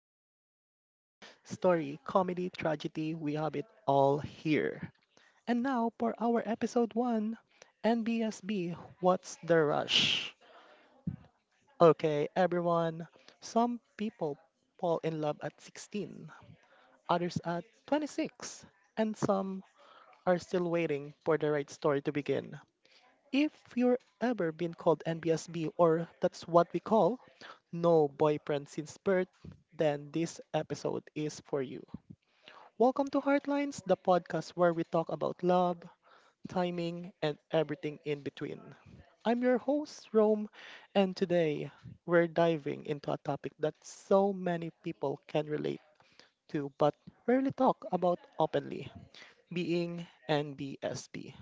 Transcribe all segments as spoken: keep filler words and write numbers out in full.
of Romy Homie Story, Comedy, Tragedy. We have it all here. And now for our episode one, N B S B: What's the Rush? Okay, everyone, some people fall in love at sixteen, others at twenty-six, and some are still waiting for the right story to begin. If you're ever been called N B S B, or that's what we call no boyfriend since birth, then this episode is for you. Welcome to Heartlines, the podcast where we talk about love, timing, and everything in between. I'm your host, Rome, and today we're diving into a topic that so many people can relate to but rarely talk about openly: being N B S B.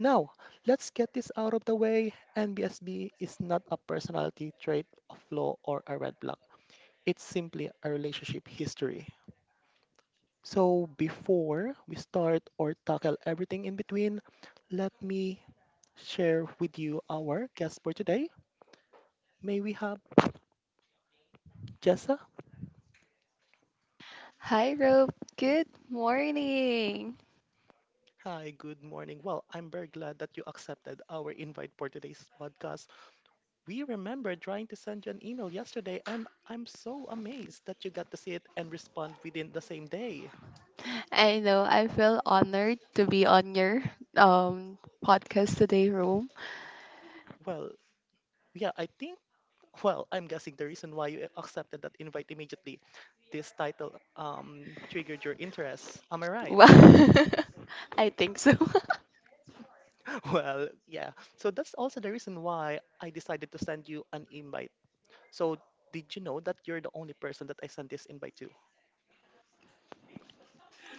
Now, let's get this out of the way. N B S B is not a personality trait of flaw, or a red flag. It's simply a relationship history. So before we start or tackle everything in between, let me share with you our guest for today. May we have Jessa? Hi, Rob. Good morning. Hi, good morning. Well, I'm very glad that you accepted our invite for today's podcast. We remember trying to send you an email yesterday, and I'm so amazed that you got to see it and respond within the same day. I know I feel honored to be on your um podcast today, Rob. Well, yeah, I think, well, I'm guessing the reason why you accepted that invite immediately. This title um, triggered your interest. Am I right? Well, I think so. Well, yeah. So that's also the reason why I decided to send you an invite. So, did you know that you're the only person that I sent this invite to?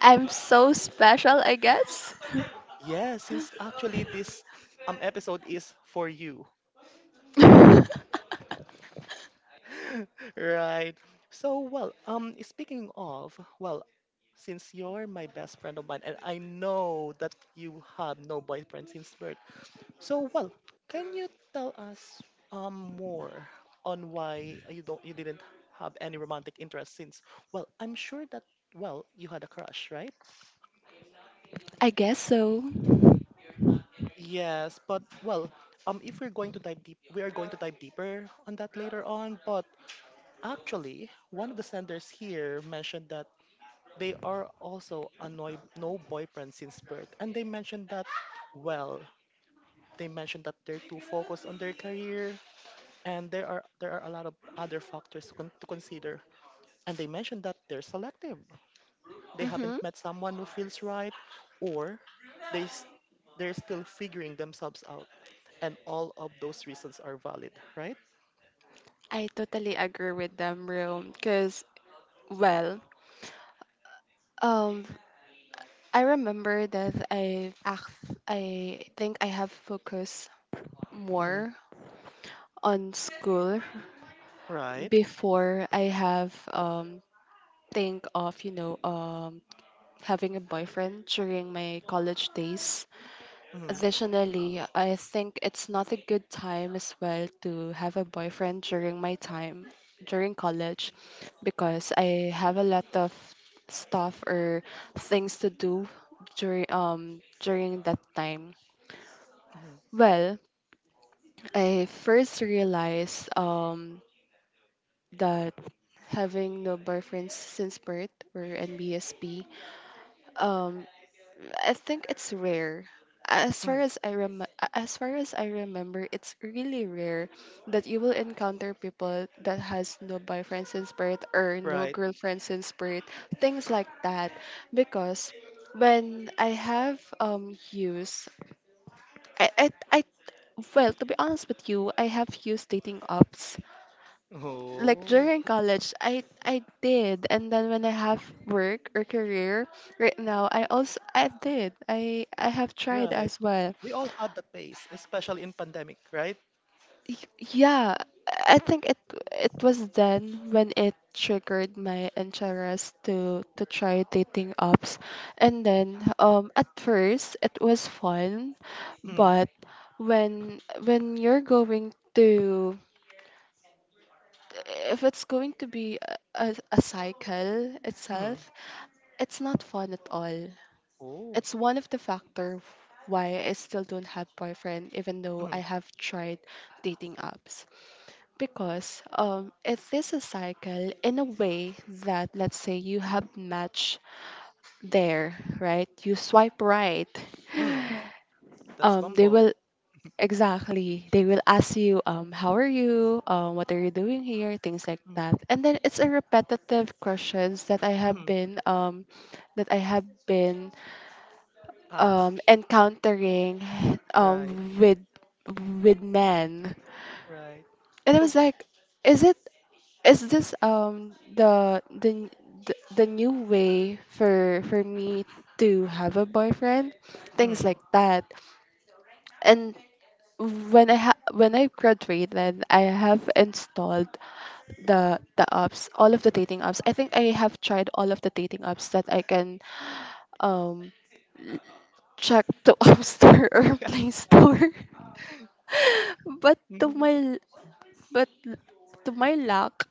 I'm so special, I guess. Yeah, since actually this um, episode is for you. Right. So well, um, speaking of, well, since you're my best friend of mine, and I know that you have no boyfriend since birth, so well, can you tell us um more on why you don't you didn't have any romantic interest since? Well, I'm sure that well you had a crush, right? I guess so. Yes, but well, um, if we're going to dive deep, we are going to dive deeper on that later on. But actually, one of the senders here mentioned that they are also a no, no boyfriend since birth. And they mentioned that, well, they mentioned that they're too focused on their career, and there are there are a lot of other factors to, con- to consider. And they mentioned that they're selective. They haven't Mm-hmm. met someone who feels right, or they s- they're still figuring themselves out. And all of those reasons are valid, right? I totally agree with them, Rome. Cause well, um, I remember that I act, I think I have focused Mhm. more on school Right. before I have um think of you know um having a boyfriend during my college days. Mhm. Additionally, I think it's not a good time as well to have a boyfriend during my time during college because I have a lot of stuff or things to do during um during that time. Mhm. Well, I first realized um that having no boyfriends since birth or N B S P, um, I think it's rare. As far Mhm. as I rem- as far as I remember, it's really rare that you will encounter people that has no boyfriend since birth or no Right. girlfriend since birth, things like that. Because when I have um used, I I, I well, to be honest with you, I have used dating apps like Oh, during college I I did, and then when I have work or career right now, I also I did, I I have tried right. as well. We all had that phase, especially in pandemic, right? Y- yeah, I think it it was then when it triggered my interest to to try dating apps, and then um at first it was fun, Mm, but when when you're going to, if it's going to be a, a, a cycle mm, itself, it's not fun at all. oh, It's one of the factor why I still don't have boyfriend even though I mm, have tried dating apps. Because um it is a cycle in a way that, let's say, you have match there, right? You swipe right. mm, that's Um they Bumble. will exactly, they will ask you um how are you, um what are you doing here, things like Mm, that. And then it's a repetitive questions that I have mm, been um that i have been us, um encountering right, um with with men, right. and I So, was like, is it is this um the the the, the new way for for me to have a boyfriend, things mm, like that. And when i ha- when I graduated, I have installed the the apps, all of the dating apps. I think I have tried all of the dating apps that I can um check to App Store or yeah. Play Store. But to mm. my but to my luck,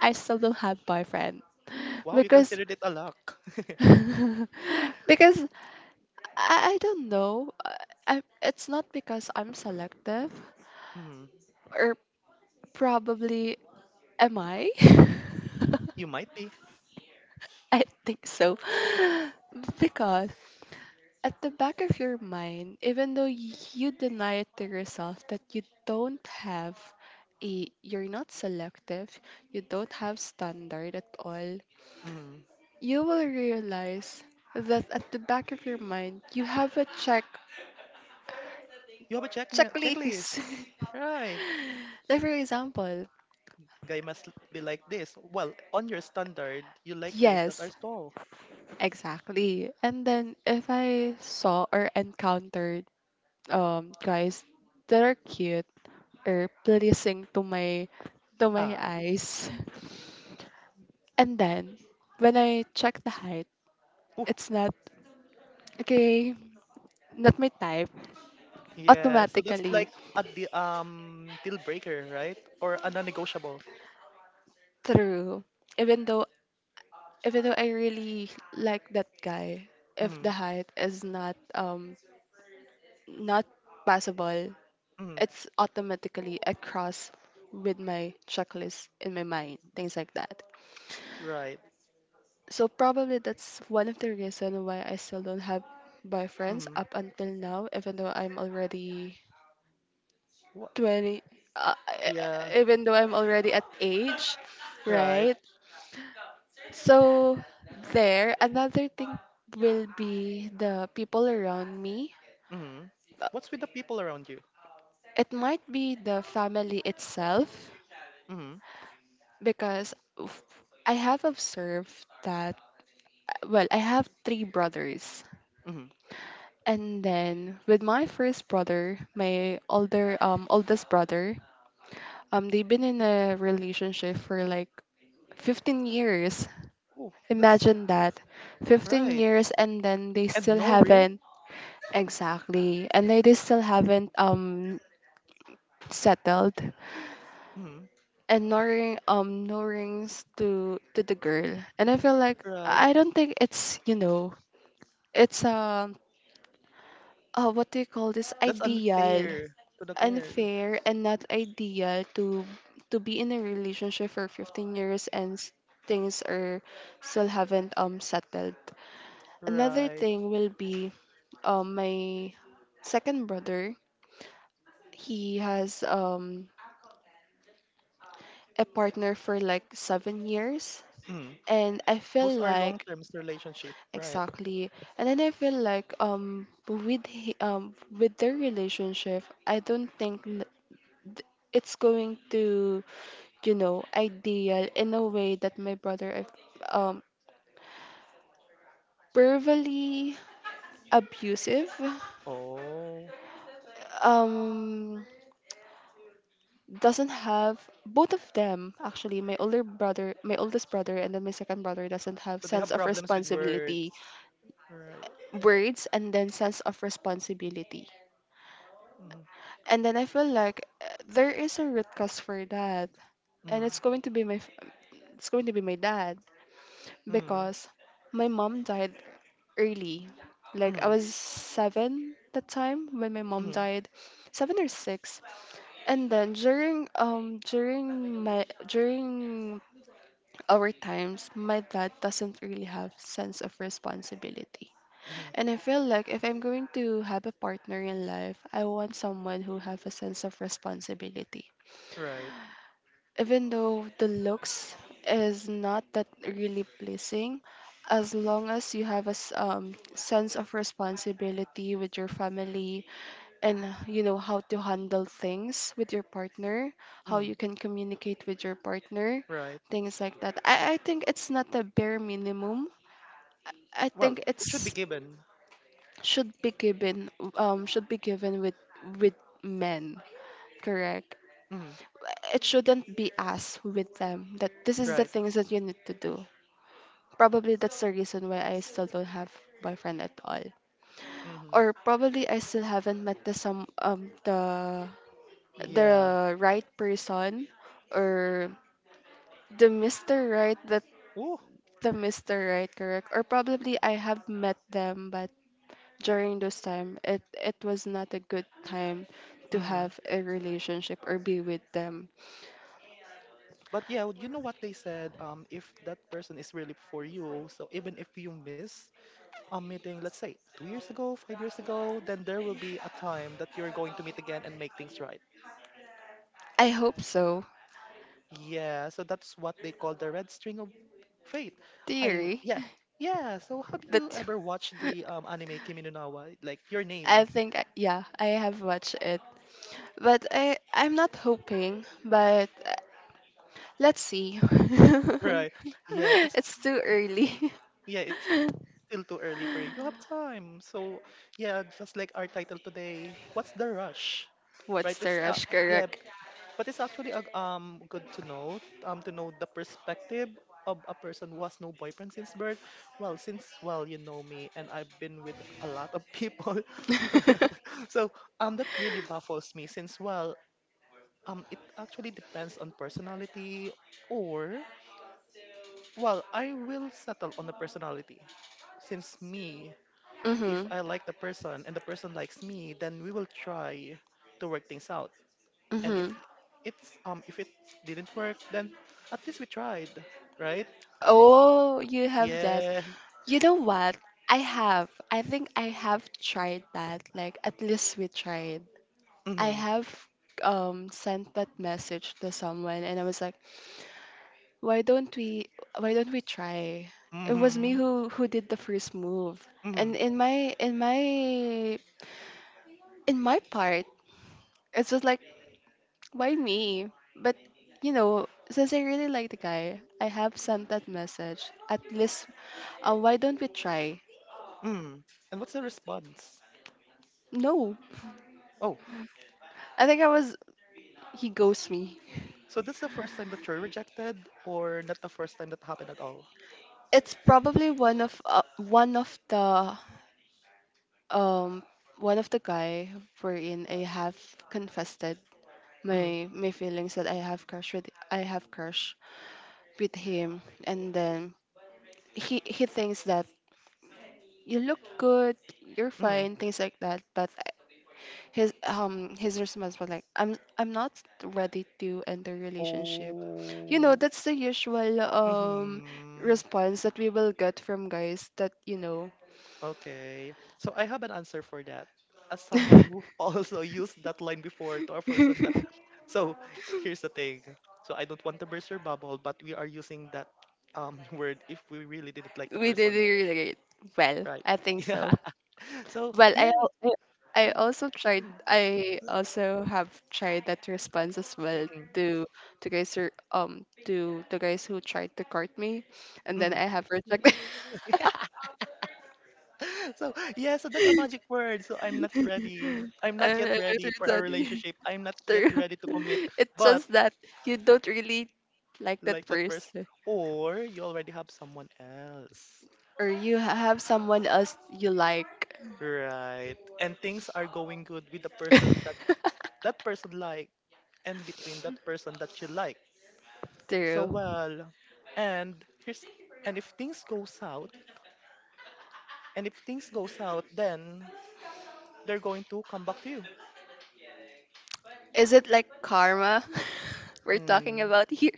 I still don't have boyfriend Wow, you because considered it a luck. because I, I don't know. I, I, it's not because I'm selective mm, or probably, am I? you might be. I think so. because. At the back of your mind, even though y- you deny it to yourself that you don't have a, you're not selective, you don't have standard at all, Mm. you will realize that at the back of your mind, you have a check, You have a check checklist. checklist, right? Like, for example, Guy must be like this. Well, on your standard, you like guys that yes, are tall. exactly. And then if I saw or encountered um guys that are cute or pleasing to my to my Eyes. eyes. And then when I check the height, it's not okay, not my type Yeah, so that's automatically. like a de- um deal breaker, right? Or a non-negotiable. True. Even though even though I really like that guy, if Mm-hmm. the height is not um not passable, Mm-hmm. it's automatically a cross with my checklist in my mind, things like that. Right. So probably that's one of the reason why I still don't have boyfriends Mm-hmm. up until now, even though I'm already What? twenty, uh, e- Yeah. e- even though I'm already at age, Right. right? So there, another thing will be the people around me. Mm-hmm. What's with the people around you? It might be the family itself Mm-hmm. because f- I have observed that, well, I have three brothers. Mm-hmm. And then with my first brother, my older um oldest brother, um they've been in a relationship for like fifteen years. Oh, that's Imagine that. fifteen right. years, and then they And still no ring. haven't, exactly. And they, they still haven't um settled, Mm-hmm. and no ring, um no rings to to the girl. And I feel like Right. I don't think it's, you know, it's um uh, what do you call this, That's ideal, unfair to the girl. unfair, and not ideal to to be in a relationship for fifteen years and s- things are still haven't um settled. Another Right. thing will be um my second brother. He has um a partner for like seven years, Mm-hmm. and I feel Those are like, long-term relationship, right? exactly. And then I feel like um with he, um with their relationship, I don't think n- th- it's going to, you know, ideal in a way that my brother is, um verbally abusive. Oh, Um doesn't have, both of them, actually, my older brother, my oldest brother, and then my second brother doesn't have so they sense have of problems with words. responsibility, Right. words, and then sense of responsibility. Mm-hmm. And then I feel like uh, there is a root cause for that, and Mm-hmm. it's going to be my f- it's going to be my dad Mm-hmm. because my mom died early. Like, I was seven that time when my mom Mm-hmm. died, seven or six. And then during um during my during our times, my dad doesn't really have sense of responsibility. Mm-hmm. And I feel like if I'm going to have a partner in life, I want someone who have a sense of responsibility, Right. even though the looks is not that really pleasing, as long as you have a s- um, sense of responsibility with your family, and you know how to handle things with your partner, how you Hmm. can communicate with your partner, Right. things like that. i, I think it's not the bare minimum, I Well, think it should be it's given. should be given, um should be given with with men, correct. Hmm. It shouldn't be us with them that this is the Right. things that you need to do. Probably that's the reason why I still don't have boyfriend at all, Hmm. or probably I still haven't met the some um the Yeah. the right person, or the Mr. Right, that Ooh. the Mr. Right, correct, or probably I have met them, but during those time, it it was not a good time to Hmm. have a relationship or be with them. But yeah, you know what they said. Um, if that person is really for you, so even if you miss a meeting, let's say two years ago, five years ago, then there will be a time that you're going to meet again and make things right. I hope so. Yeah. So that's what they call the red string of fate. I Theory. yeah. Yeah, so have you That, ever watched the um, anime Kimi no Na wa? Like your name, I think I- yeah, I have watched it, but I I'm not hoping, but uh, let's see. right? Yeah, it's It's too early. yeah, it's still too early for you. You have time. So, yeah, just like our title today, what's the rush? Right? What's It's the uh, rush? yeah, Correct. but it's actually uh, um good to know um to know the perspective of a person who has no boyfriend since birth. Well, since well, you know me and I've been with a lot of people. So, um that really baffles me since well, um it actually depends on personality or well, I will settle on the personality since me, if Mhm. I like the person and the person likes me, then we will try to work things out. And if Mhm. it's um if it didn't work, then at least we tried, right? Oh, you have that. Yeah. You know what? I have. I think I have tried that. Like, at least we tried. I Mm-hmm. have um sent that message to someone, and I was like, why don't we, why don't we try? It was me Mm-hmm. who who did the first move. And Mm-hmm. in my, in my in my part, it's just like, why me? But you know, since I really like the guy, I have sent that message. At least, uh, why don't we try? Mm-hmm. And what's the response? No. Oh, I think I was, he ghosts me. so that's the first time that you're rejected, or not the first time that happened at all? It's probably one of, uh, one of the um one of the guy wherein I have confessed Mm-hmm. my my feelings that I have crush with, I have crush with him. And then he, he thinks that you look good, you're Mm-hmm. fine, things like that. But his, um his response was like, I'm I'm not ready to enter relationship. You know, Oh. that's the usual um Mm-hmm. response that we will get from guys that, you know, Okay. So I have an answer for that. As someone who also used that line before to a person that so here's the thing. So I don't want to burst your bubble, but we are using that um word if we really didn't like the we didn't person, relate. Well, right? I think so. Yeah. So Well, I yeah. al- I I also tried. I also have tried that response as well Mhm, to to guys who, um to to guys who tried to court me, and then mhm. I have rejected. So yeah, so that's a magic word. So I'm not ready. I'm not yet I ready rejected. for a That. relationship. I'm not yet True. ready to commit. It's But just that you don't really like that like that first, person, or you already have someone else. or you ha- have someone else you like. Right. And things are going good with the person that that person like and between that person that you like. So True. well, and here's and if things go south, and if things go south, then they're going to come back to you. Is it like karma we're talking Mm, about here?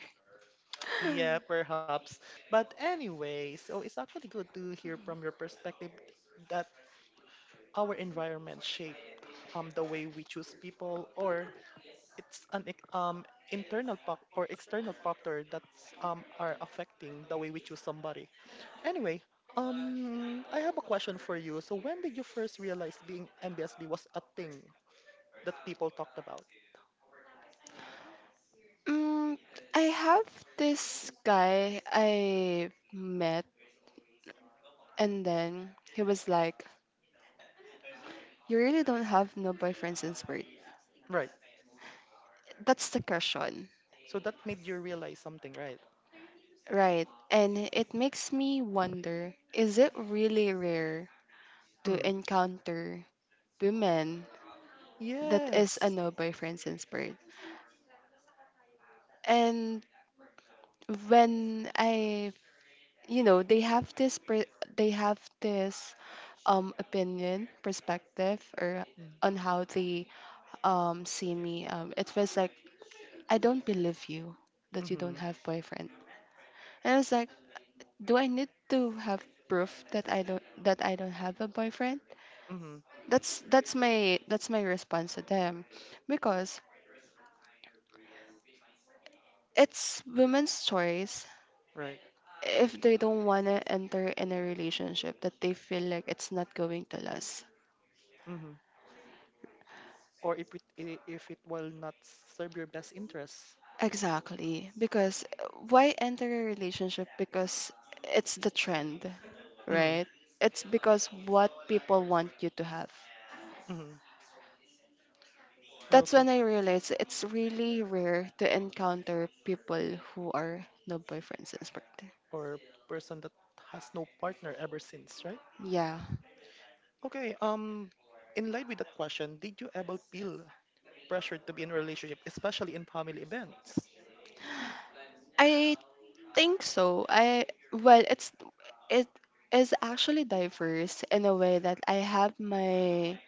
yeah, perhaps. But anyway, so it's actually good to hear from your perspective that our environment shape um the way we choose people, or it's an ex- um internal fac- or external factor that's um are affecting the way we choose somebody. Anyway, um I have a question for you. So when did you first realize being N B S B was a thing that people talked about? Mm, I have this guy I met, and then he was like, you really don't have no boyfriend since birth. Right. That's the question, So that made you realize something, right? right? And it makes me wonder, is it really rare to Mm. encounter women that is a Yes. no boyfriend since birth? And when I, you know, they have this, per- they have this um opinion, perspective, or Mm. on how they um see me, um it was like, I don't believe you that you don't Mhm. have boyfriend. And I was like, do I need to have proof that I don't, that i don't have a boyfriend? Mhm. that's that's my that's my response to them, because it's women's choice Right. if they don't want to enter in a relationship that they feel like it's not going to last. Mhm. Or if it i- if it will not serve your best interests. Exactly. Because uh, why enter a relationship? Because it's the trend, Mhm. right? It's because what people want you to have. Mhm. That's when I realized it's really rare to encounter people who are no boyfriend since birthday. Or person that has no partner ever since, right? Yeah. Okay, um in line with that question, did you ever feel pressured to be in a relationship, especially in family events? I think so. I well, it's it is actually diverse in a way that I have my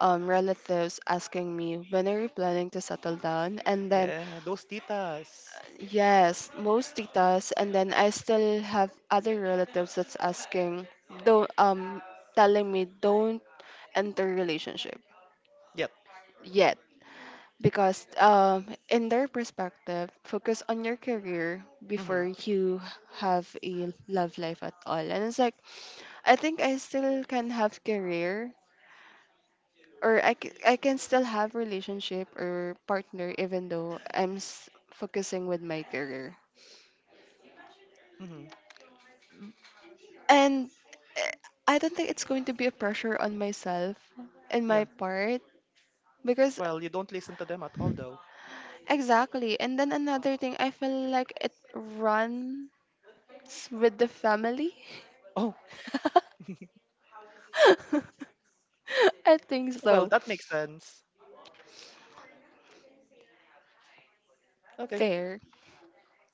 um relatives asking me, when are you planning to settle down? And then, Yeah, those titas. yes, mostly does. And then I still have other relatives that's asking, don't um telling me don't enter relationship Yep. yet because um in their perspective, focus on your career before Mm-hmm. you have a love life at all. And it's like I think I still can have career or I, c- I can still have relationship or partner even though I'm s- focusing with my career. Mm-hmm. And eh, I don't think it's going to be a pressure on myself and Yeah. my part because Well, you don't listen to them at all though. exactly. And then another thing, I feel like it runs with the family. Oh, I think well, so. that makes sense. Okay. Fair.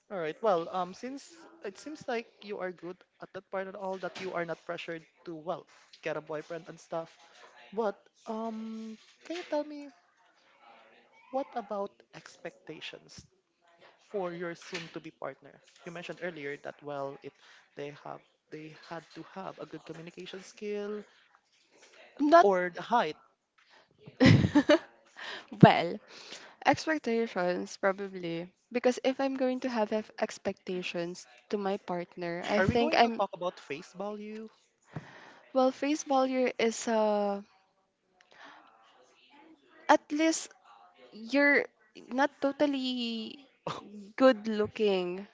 All right. Well, um, since it seems like you are good at that part at all, that you are not pressured to, well, get a boyfriend and stuff. But um, can you tell me, what about expectations for your soon-to-be partner? You mentioned earlier that well, it they have they had to have a good communication skill Not or the height. well. Expectations probably because if I'm going to have ex- expectations to my partner, I Are we think going to I'm talk about face value? well. Face value is uh at least you're not totally good looking,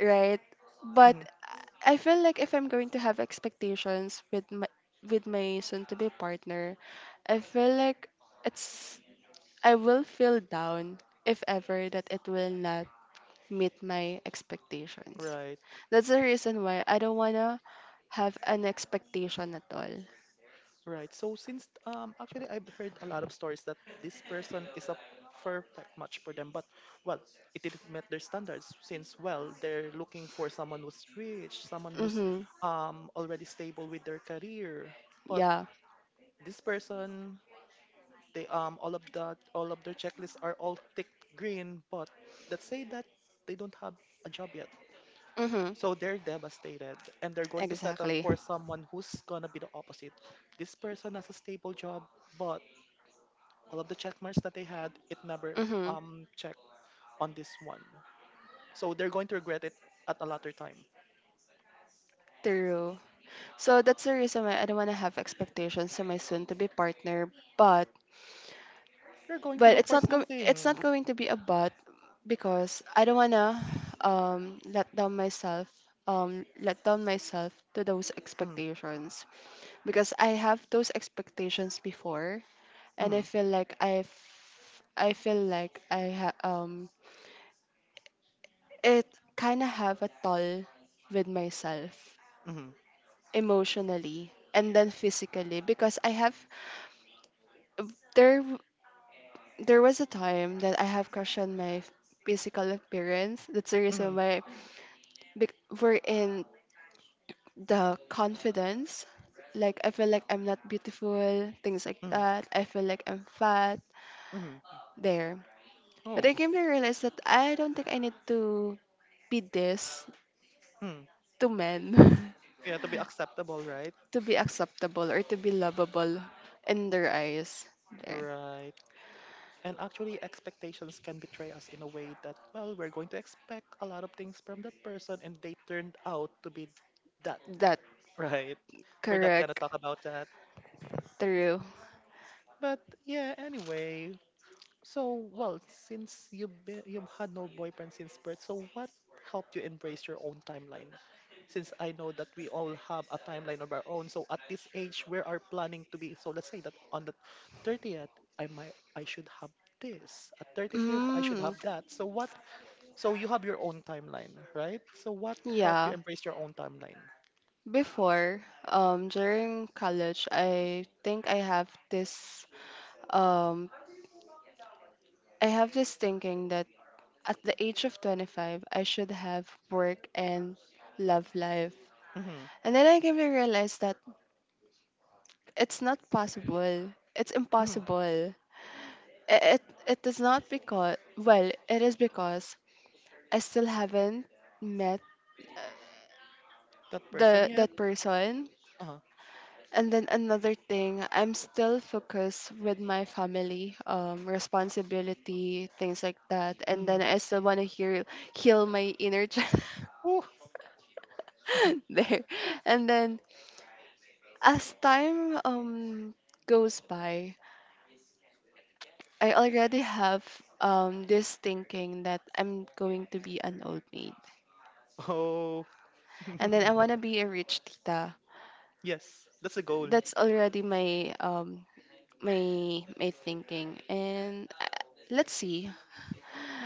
right? But Mhm. I feel like if I'm going to have expectations with my with my soon to be partner, I feel like it's I will feel down if ever that it will not meet my expectations. Right, That's the reason why I don't wanna have an expectation at all. right. So since um actually I've heard a lot of stories that this person is a perfect match for them, but well, it didn't meet their standards since well they're looking for someone who's rich, someone who's Mhm. um already stable with their career, but Yeah. this person they um all of that all of their checklists are all tick green but that say that they don't have a job yet, Mhm. so they're devastated and they're going to settle Exactly. for someone who's gonna be the opposite. This person has a stable job but all of the check marks that they had it never Mhm. um checked on this one, so they're going to regret it at a later time. True. So that's the reason why I don't want to have expectations to my soon to be partner. But They're going to well, look it's for not go- it's something. not going to be a but because I don't want to um let down myself um let down myself to those mm, expectations because I have those expectations before and I mm, feel like I've I feel like I ha- um it kind of have a toll with myself mm, emotionally and then physically because I have there there was a time that I have questioned my f- physical appearance. That's the reason mm, why bec- we're in the confidence. Like I feel like I'm not beautiful, things like mm, that. I feel like I'm fat mm. there. But oh I came to realize that I don't think I need to be this mm. to men Yeah, to be acceptable, right? to be acceptable or to be lovable in their eyes. There. Right. And actually, expectations can betray us in a way that, well, we're going to expect a lot of things from that person and they turned out to be that. That Right. We're not going to correct. talk about that. True. But yeah, anyway, so, well, since you've been, you've had no boyfriend since birth, so what helped you embrace your own timeline? Since I know that we all have a timeline of our own, so at this age, where are planning to be? So let's say that on the thirtieth, I might I should have this. At thirty-fifth, I should Mm, have that. So what? So you have your own timeline, right? So what helped you yeah. embrace your own timeline? Before, um, during college, I think I have this, um, I have this thinking that at the age of twenty-five, I should have work and love life. Mm-hmm. And then I came to realize that it's not possible. It's Mm-hmm. impossible. I- It, it is not because, well, it is because I still haven't met That person the yet? that person. Uh-huh. And then another thing, I'm still focused with my family, um, responsibility, things like that. And Mm-hmm. then I still want to hear heal my inner child there. And then as time um goes by, I already have um this thinking that I'm going to be an old maid, Oh, and then I want to be a rich tita. yes, that's a goal. That's already my um my my thinking, and uh, let's see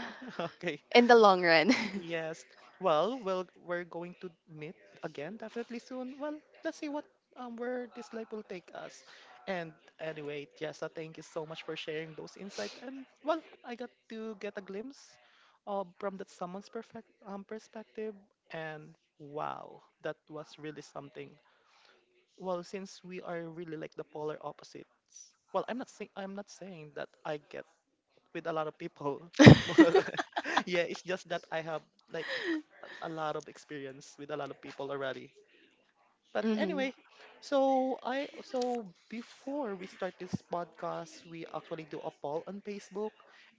Okay. in the long run. Yes. Well, well, we're going to meet again definitely soon. Well, let's see what um where this life will take us. And anyway, Jessa, thank you so much for sharing those insights. And well, I got to get a glimpse of from that someone's perfect um perspective. And wow, that was really something. Well, since we are really like the polar opposites. Well, I'm not saying I'm not saying that I get with a lot of people. Yeah, it's just that I have like a lot of experience with a lot of people already. But hmm. anyway, so I so before we start this podcast, we actually do a poll on Facebook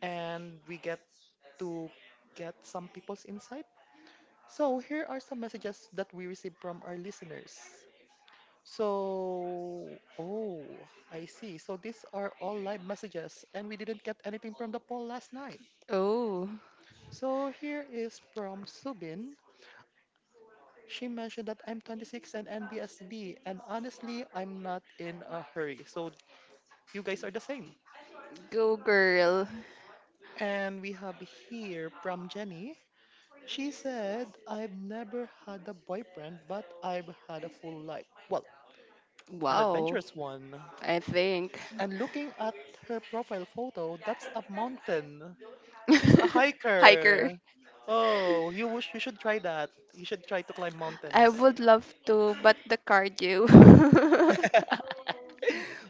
and we get to get some people's insight. So here are some messages that we received from our listeners. So, oh, I see. So these are all live messages, and we didn't get anything from the poll last night. Oh, So here is from Subin. She mentioned that I'm twenty-six and N B S B, and honestly, I'm not in a hurry. So you guys are the same. go girl. And we have here from Jenny. She said, I've never had a boyfriend, but I've had a full life. Well, an Wow, adventurous one. I think. And looking at her profile photo, that's a mountain. She's a Hiker. hiker. Oh, you wish. You should try that. You should try to climb I mountains. would love to, but the cardio.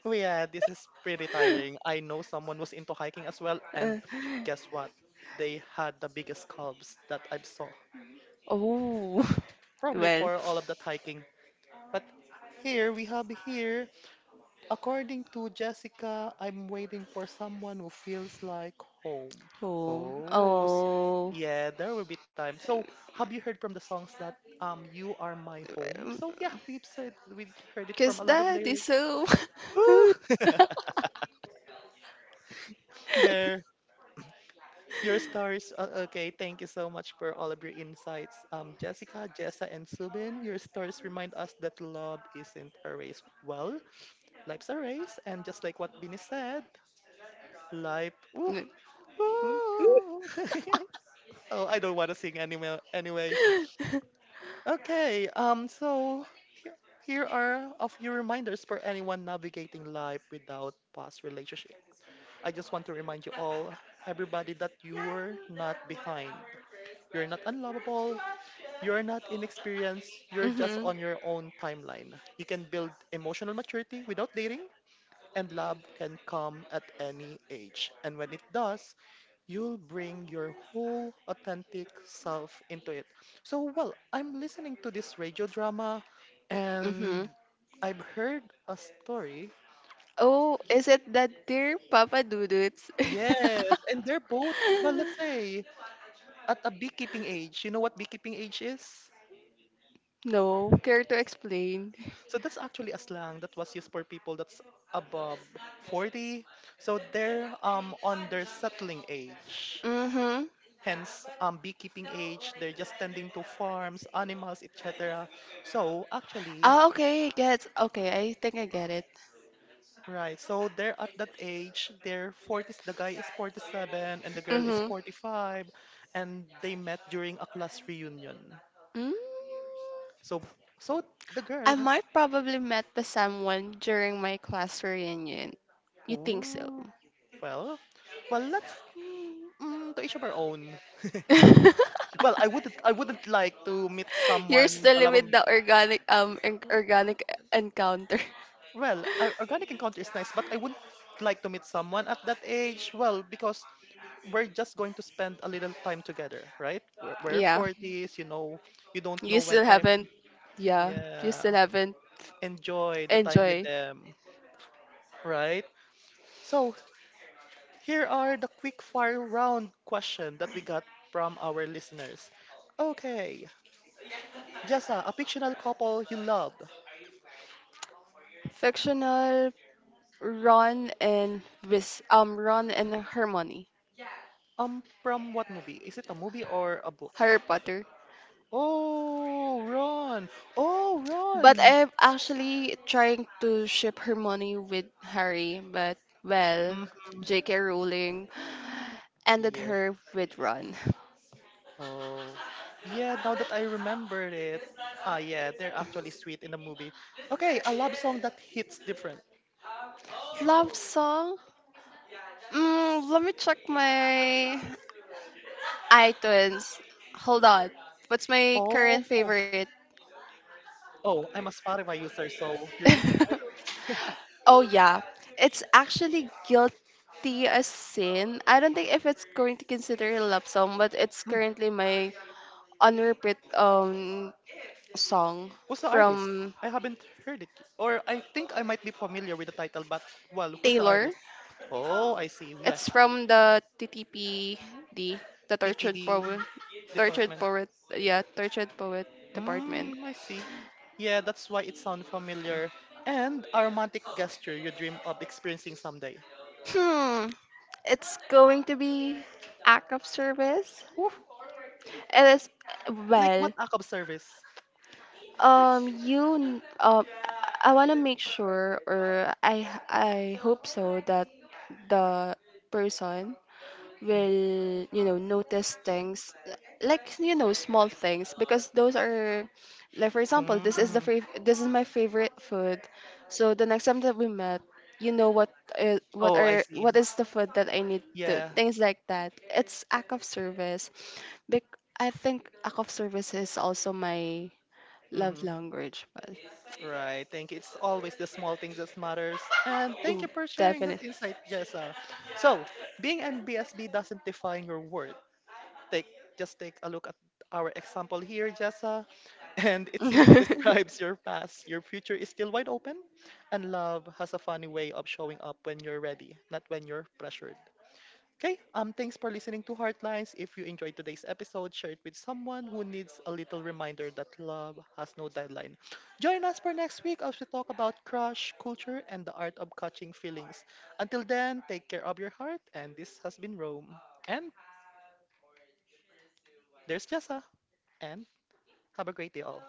Oh yeah, this is pretty tiring. I know someone was into hiking as well, and Uh, guess what? They had the biggest calves that I've saw. oh, Probably well. for all of that hiking. But here we have here, according to Jessica, I'm waiting for someone who feels like home. Oh, Oh, s- oh. yeah, there will be time. So, have you heard from the songs that um you are my home? So yeah, we've said we've heard it Because from a lot of that is lyrics. so. Woo! There. Your stories, uh, okay. Thank you so much for all of your insights, um, Jessica, Jessa, and Subin. Your stories remind us that love isn't a race. Well, life's a race, and just like what Bini said, life. Woo, Mm-hmm. woo. Oh, I don't want to sing anymore. Anyway, okay. Um, so he- here are a few reminders for anyone navigating life without past relationship. I just want to remind you all, everybody, that you're not behind. You're not unlovable. You're not inexperienced, you're just Mm-hmm. on your own timeline. You can build emotional maturity without dating, and love can come at any age. And when it does, you'll bring your whole authentic self into it. So, well, I'm listening to this radio drama, and I've heard a story. Oh, Ye- is it that dear Papa Dudut's? Yes, and they're both, well, let's say, at a beekeeping age. You know what beekeeping age is? No, care to explain? So that's actually a slang that was used for people that's above forty. So they're um on their settling age. Mm-hmm. Hence, um, beekeeping age, they're just tending to farms, animals, et cetera. So actually, Oh, okay, I get. Okay, I think I get it. right, so they're at that age, they're forties, the guy is forty-seven and the girl is Mm-hmm. forty-five, and they met during a class reunion. Mm, So, so the girl I has, might probably met the someone during my class reunion. You think so? ooh, well, well, let's, mm, mm, to each of our own. Well, I wouldn't I wouldn't like to meet You're someone still alam with mo- the organic um en- organic encounter. well, or- organic encounter is nice, but I wouldn't like to meet someone at that age. Well, because we're just going to spend a little time together, right? We're, we're Yeah, forties, you know, you don't you know when still time haven't. Yeah, you still yeah, haven't enjoy the time with enjoy. them, right? So, here are the quick fire round question that we got from our listeners. Okay, Jessa, a fictional couple you loved. Fictional Ron and Wis um Ron and Hermione, Um, from what movie? Is it a movie or a book? Harry Potter. Oh, Ron. Oh, But Ron. I'm actually trying to ship Hermione with Harry, but well, Mm-hmm. J K. Rowling ended Yeah. her with Ron. Oh. Yeah, now that I remembered it. Ah, yeah, they're actually sweet in the movie. Okay, a love song that hits different. Love song? Mm, let me check my iTunes. Hold on. What's my Oh. current favorite? Oh, I'm a Spotify user, so you're using idols. Oh yeah, it's actually guilty as sin. I don't think if it's going to consider a love song, but it's Hmm. currently my on repeat um song Who's the artist? from I haven't heard it. Or I think I might be familiar with the title, but well, who's the Taylor. artist? Oh, I see. Yeah. It's from the T T P D, the Tortured T P D Poet, Tortured department. Poet, yeah, Tortured Poet Department. Mm, I see. Yeah, that's why it sounds familiar. And a romantic gesture you dream of experiencing someday. Hmm, it's going to be act of service. Ooh, It is like what well. act of service? Um, you, n- um, I want to make sure, or I, I hope so that the person will, you know, notice things like you know small things because those are, like for example, this is the Mm-hmm. fav- this is my favorite food, so the next time that we met, you know what is what Oh, I are see. what is the food that I need to Yeah. things like that. It's act of service. Bec- I think act of service is also my love Mm-hmm. language, but Right. Thank you. It's always the small things that matters. And thank you for sharing that definitely. insight, Jessa. So, being N B S B doesn't define your worth. Take just take a look at our example here, Jessa, and it simply describes your past. Your future is still wide open, and love has a funny way of showing up when you're ready, not when you're pressured. Okay, um, thanks for listening to Heartlines. If you enjoyed today's episode, share it with someone who needs a little reminder that love has no deadline. Join us for next week as we talk about crush, culture, and the art of catching feelings. Until then, take care of your heart. And this has been Rome. And there's Jessa. And have a great day, all.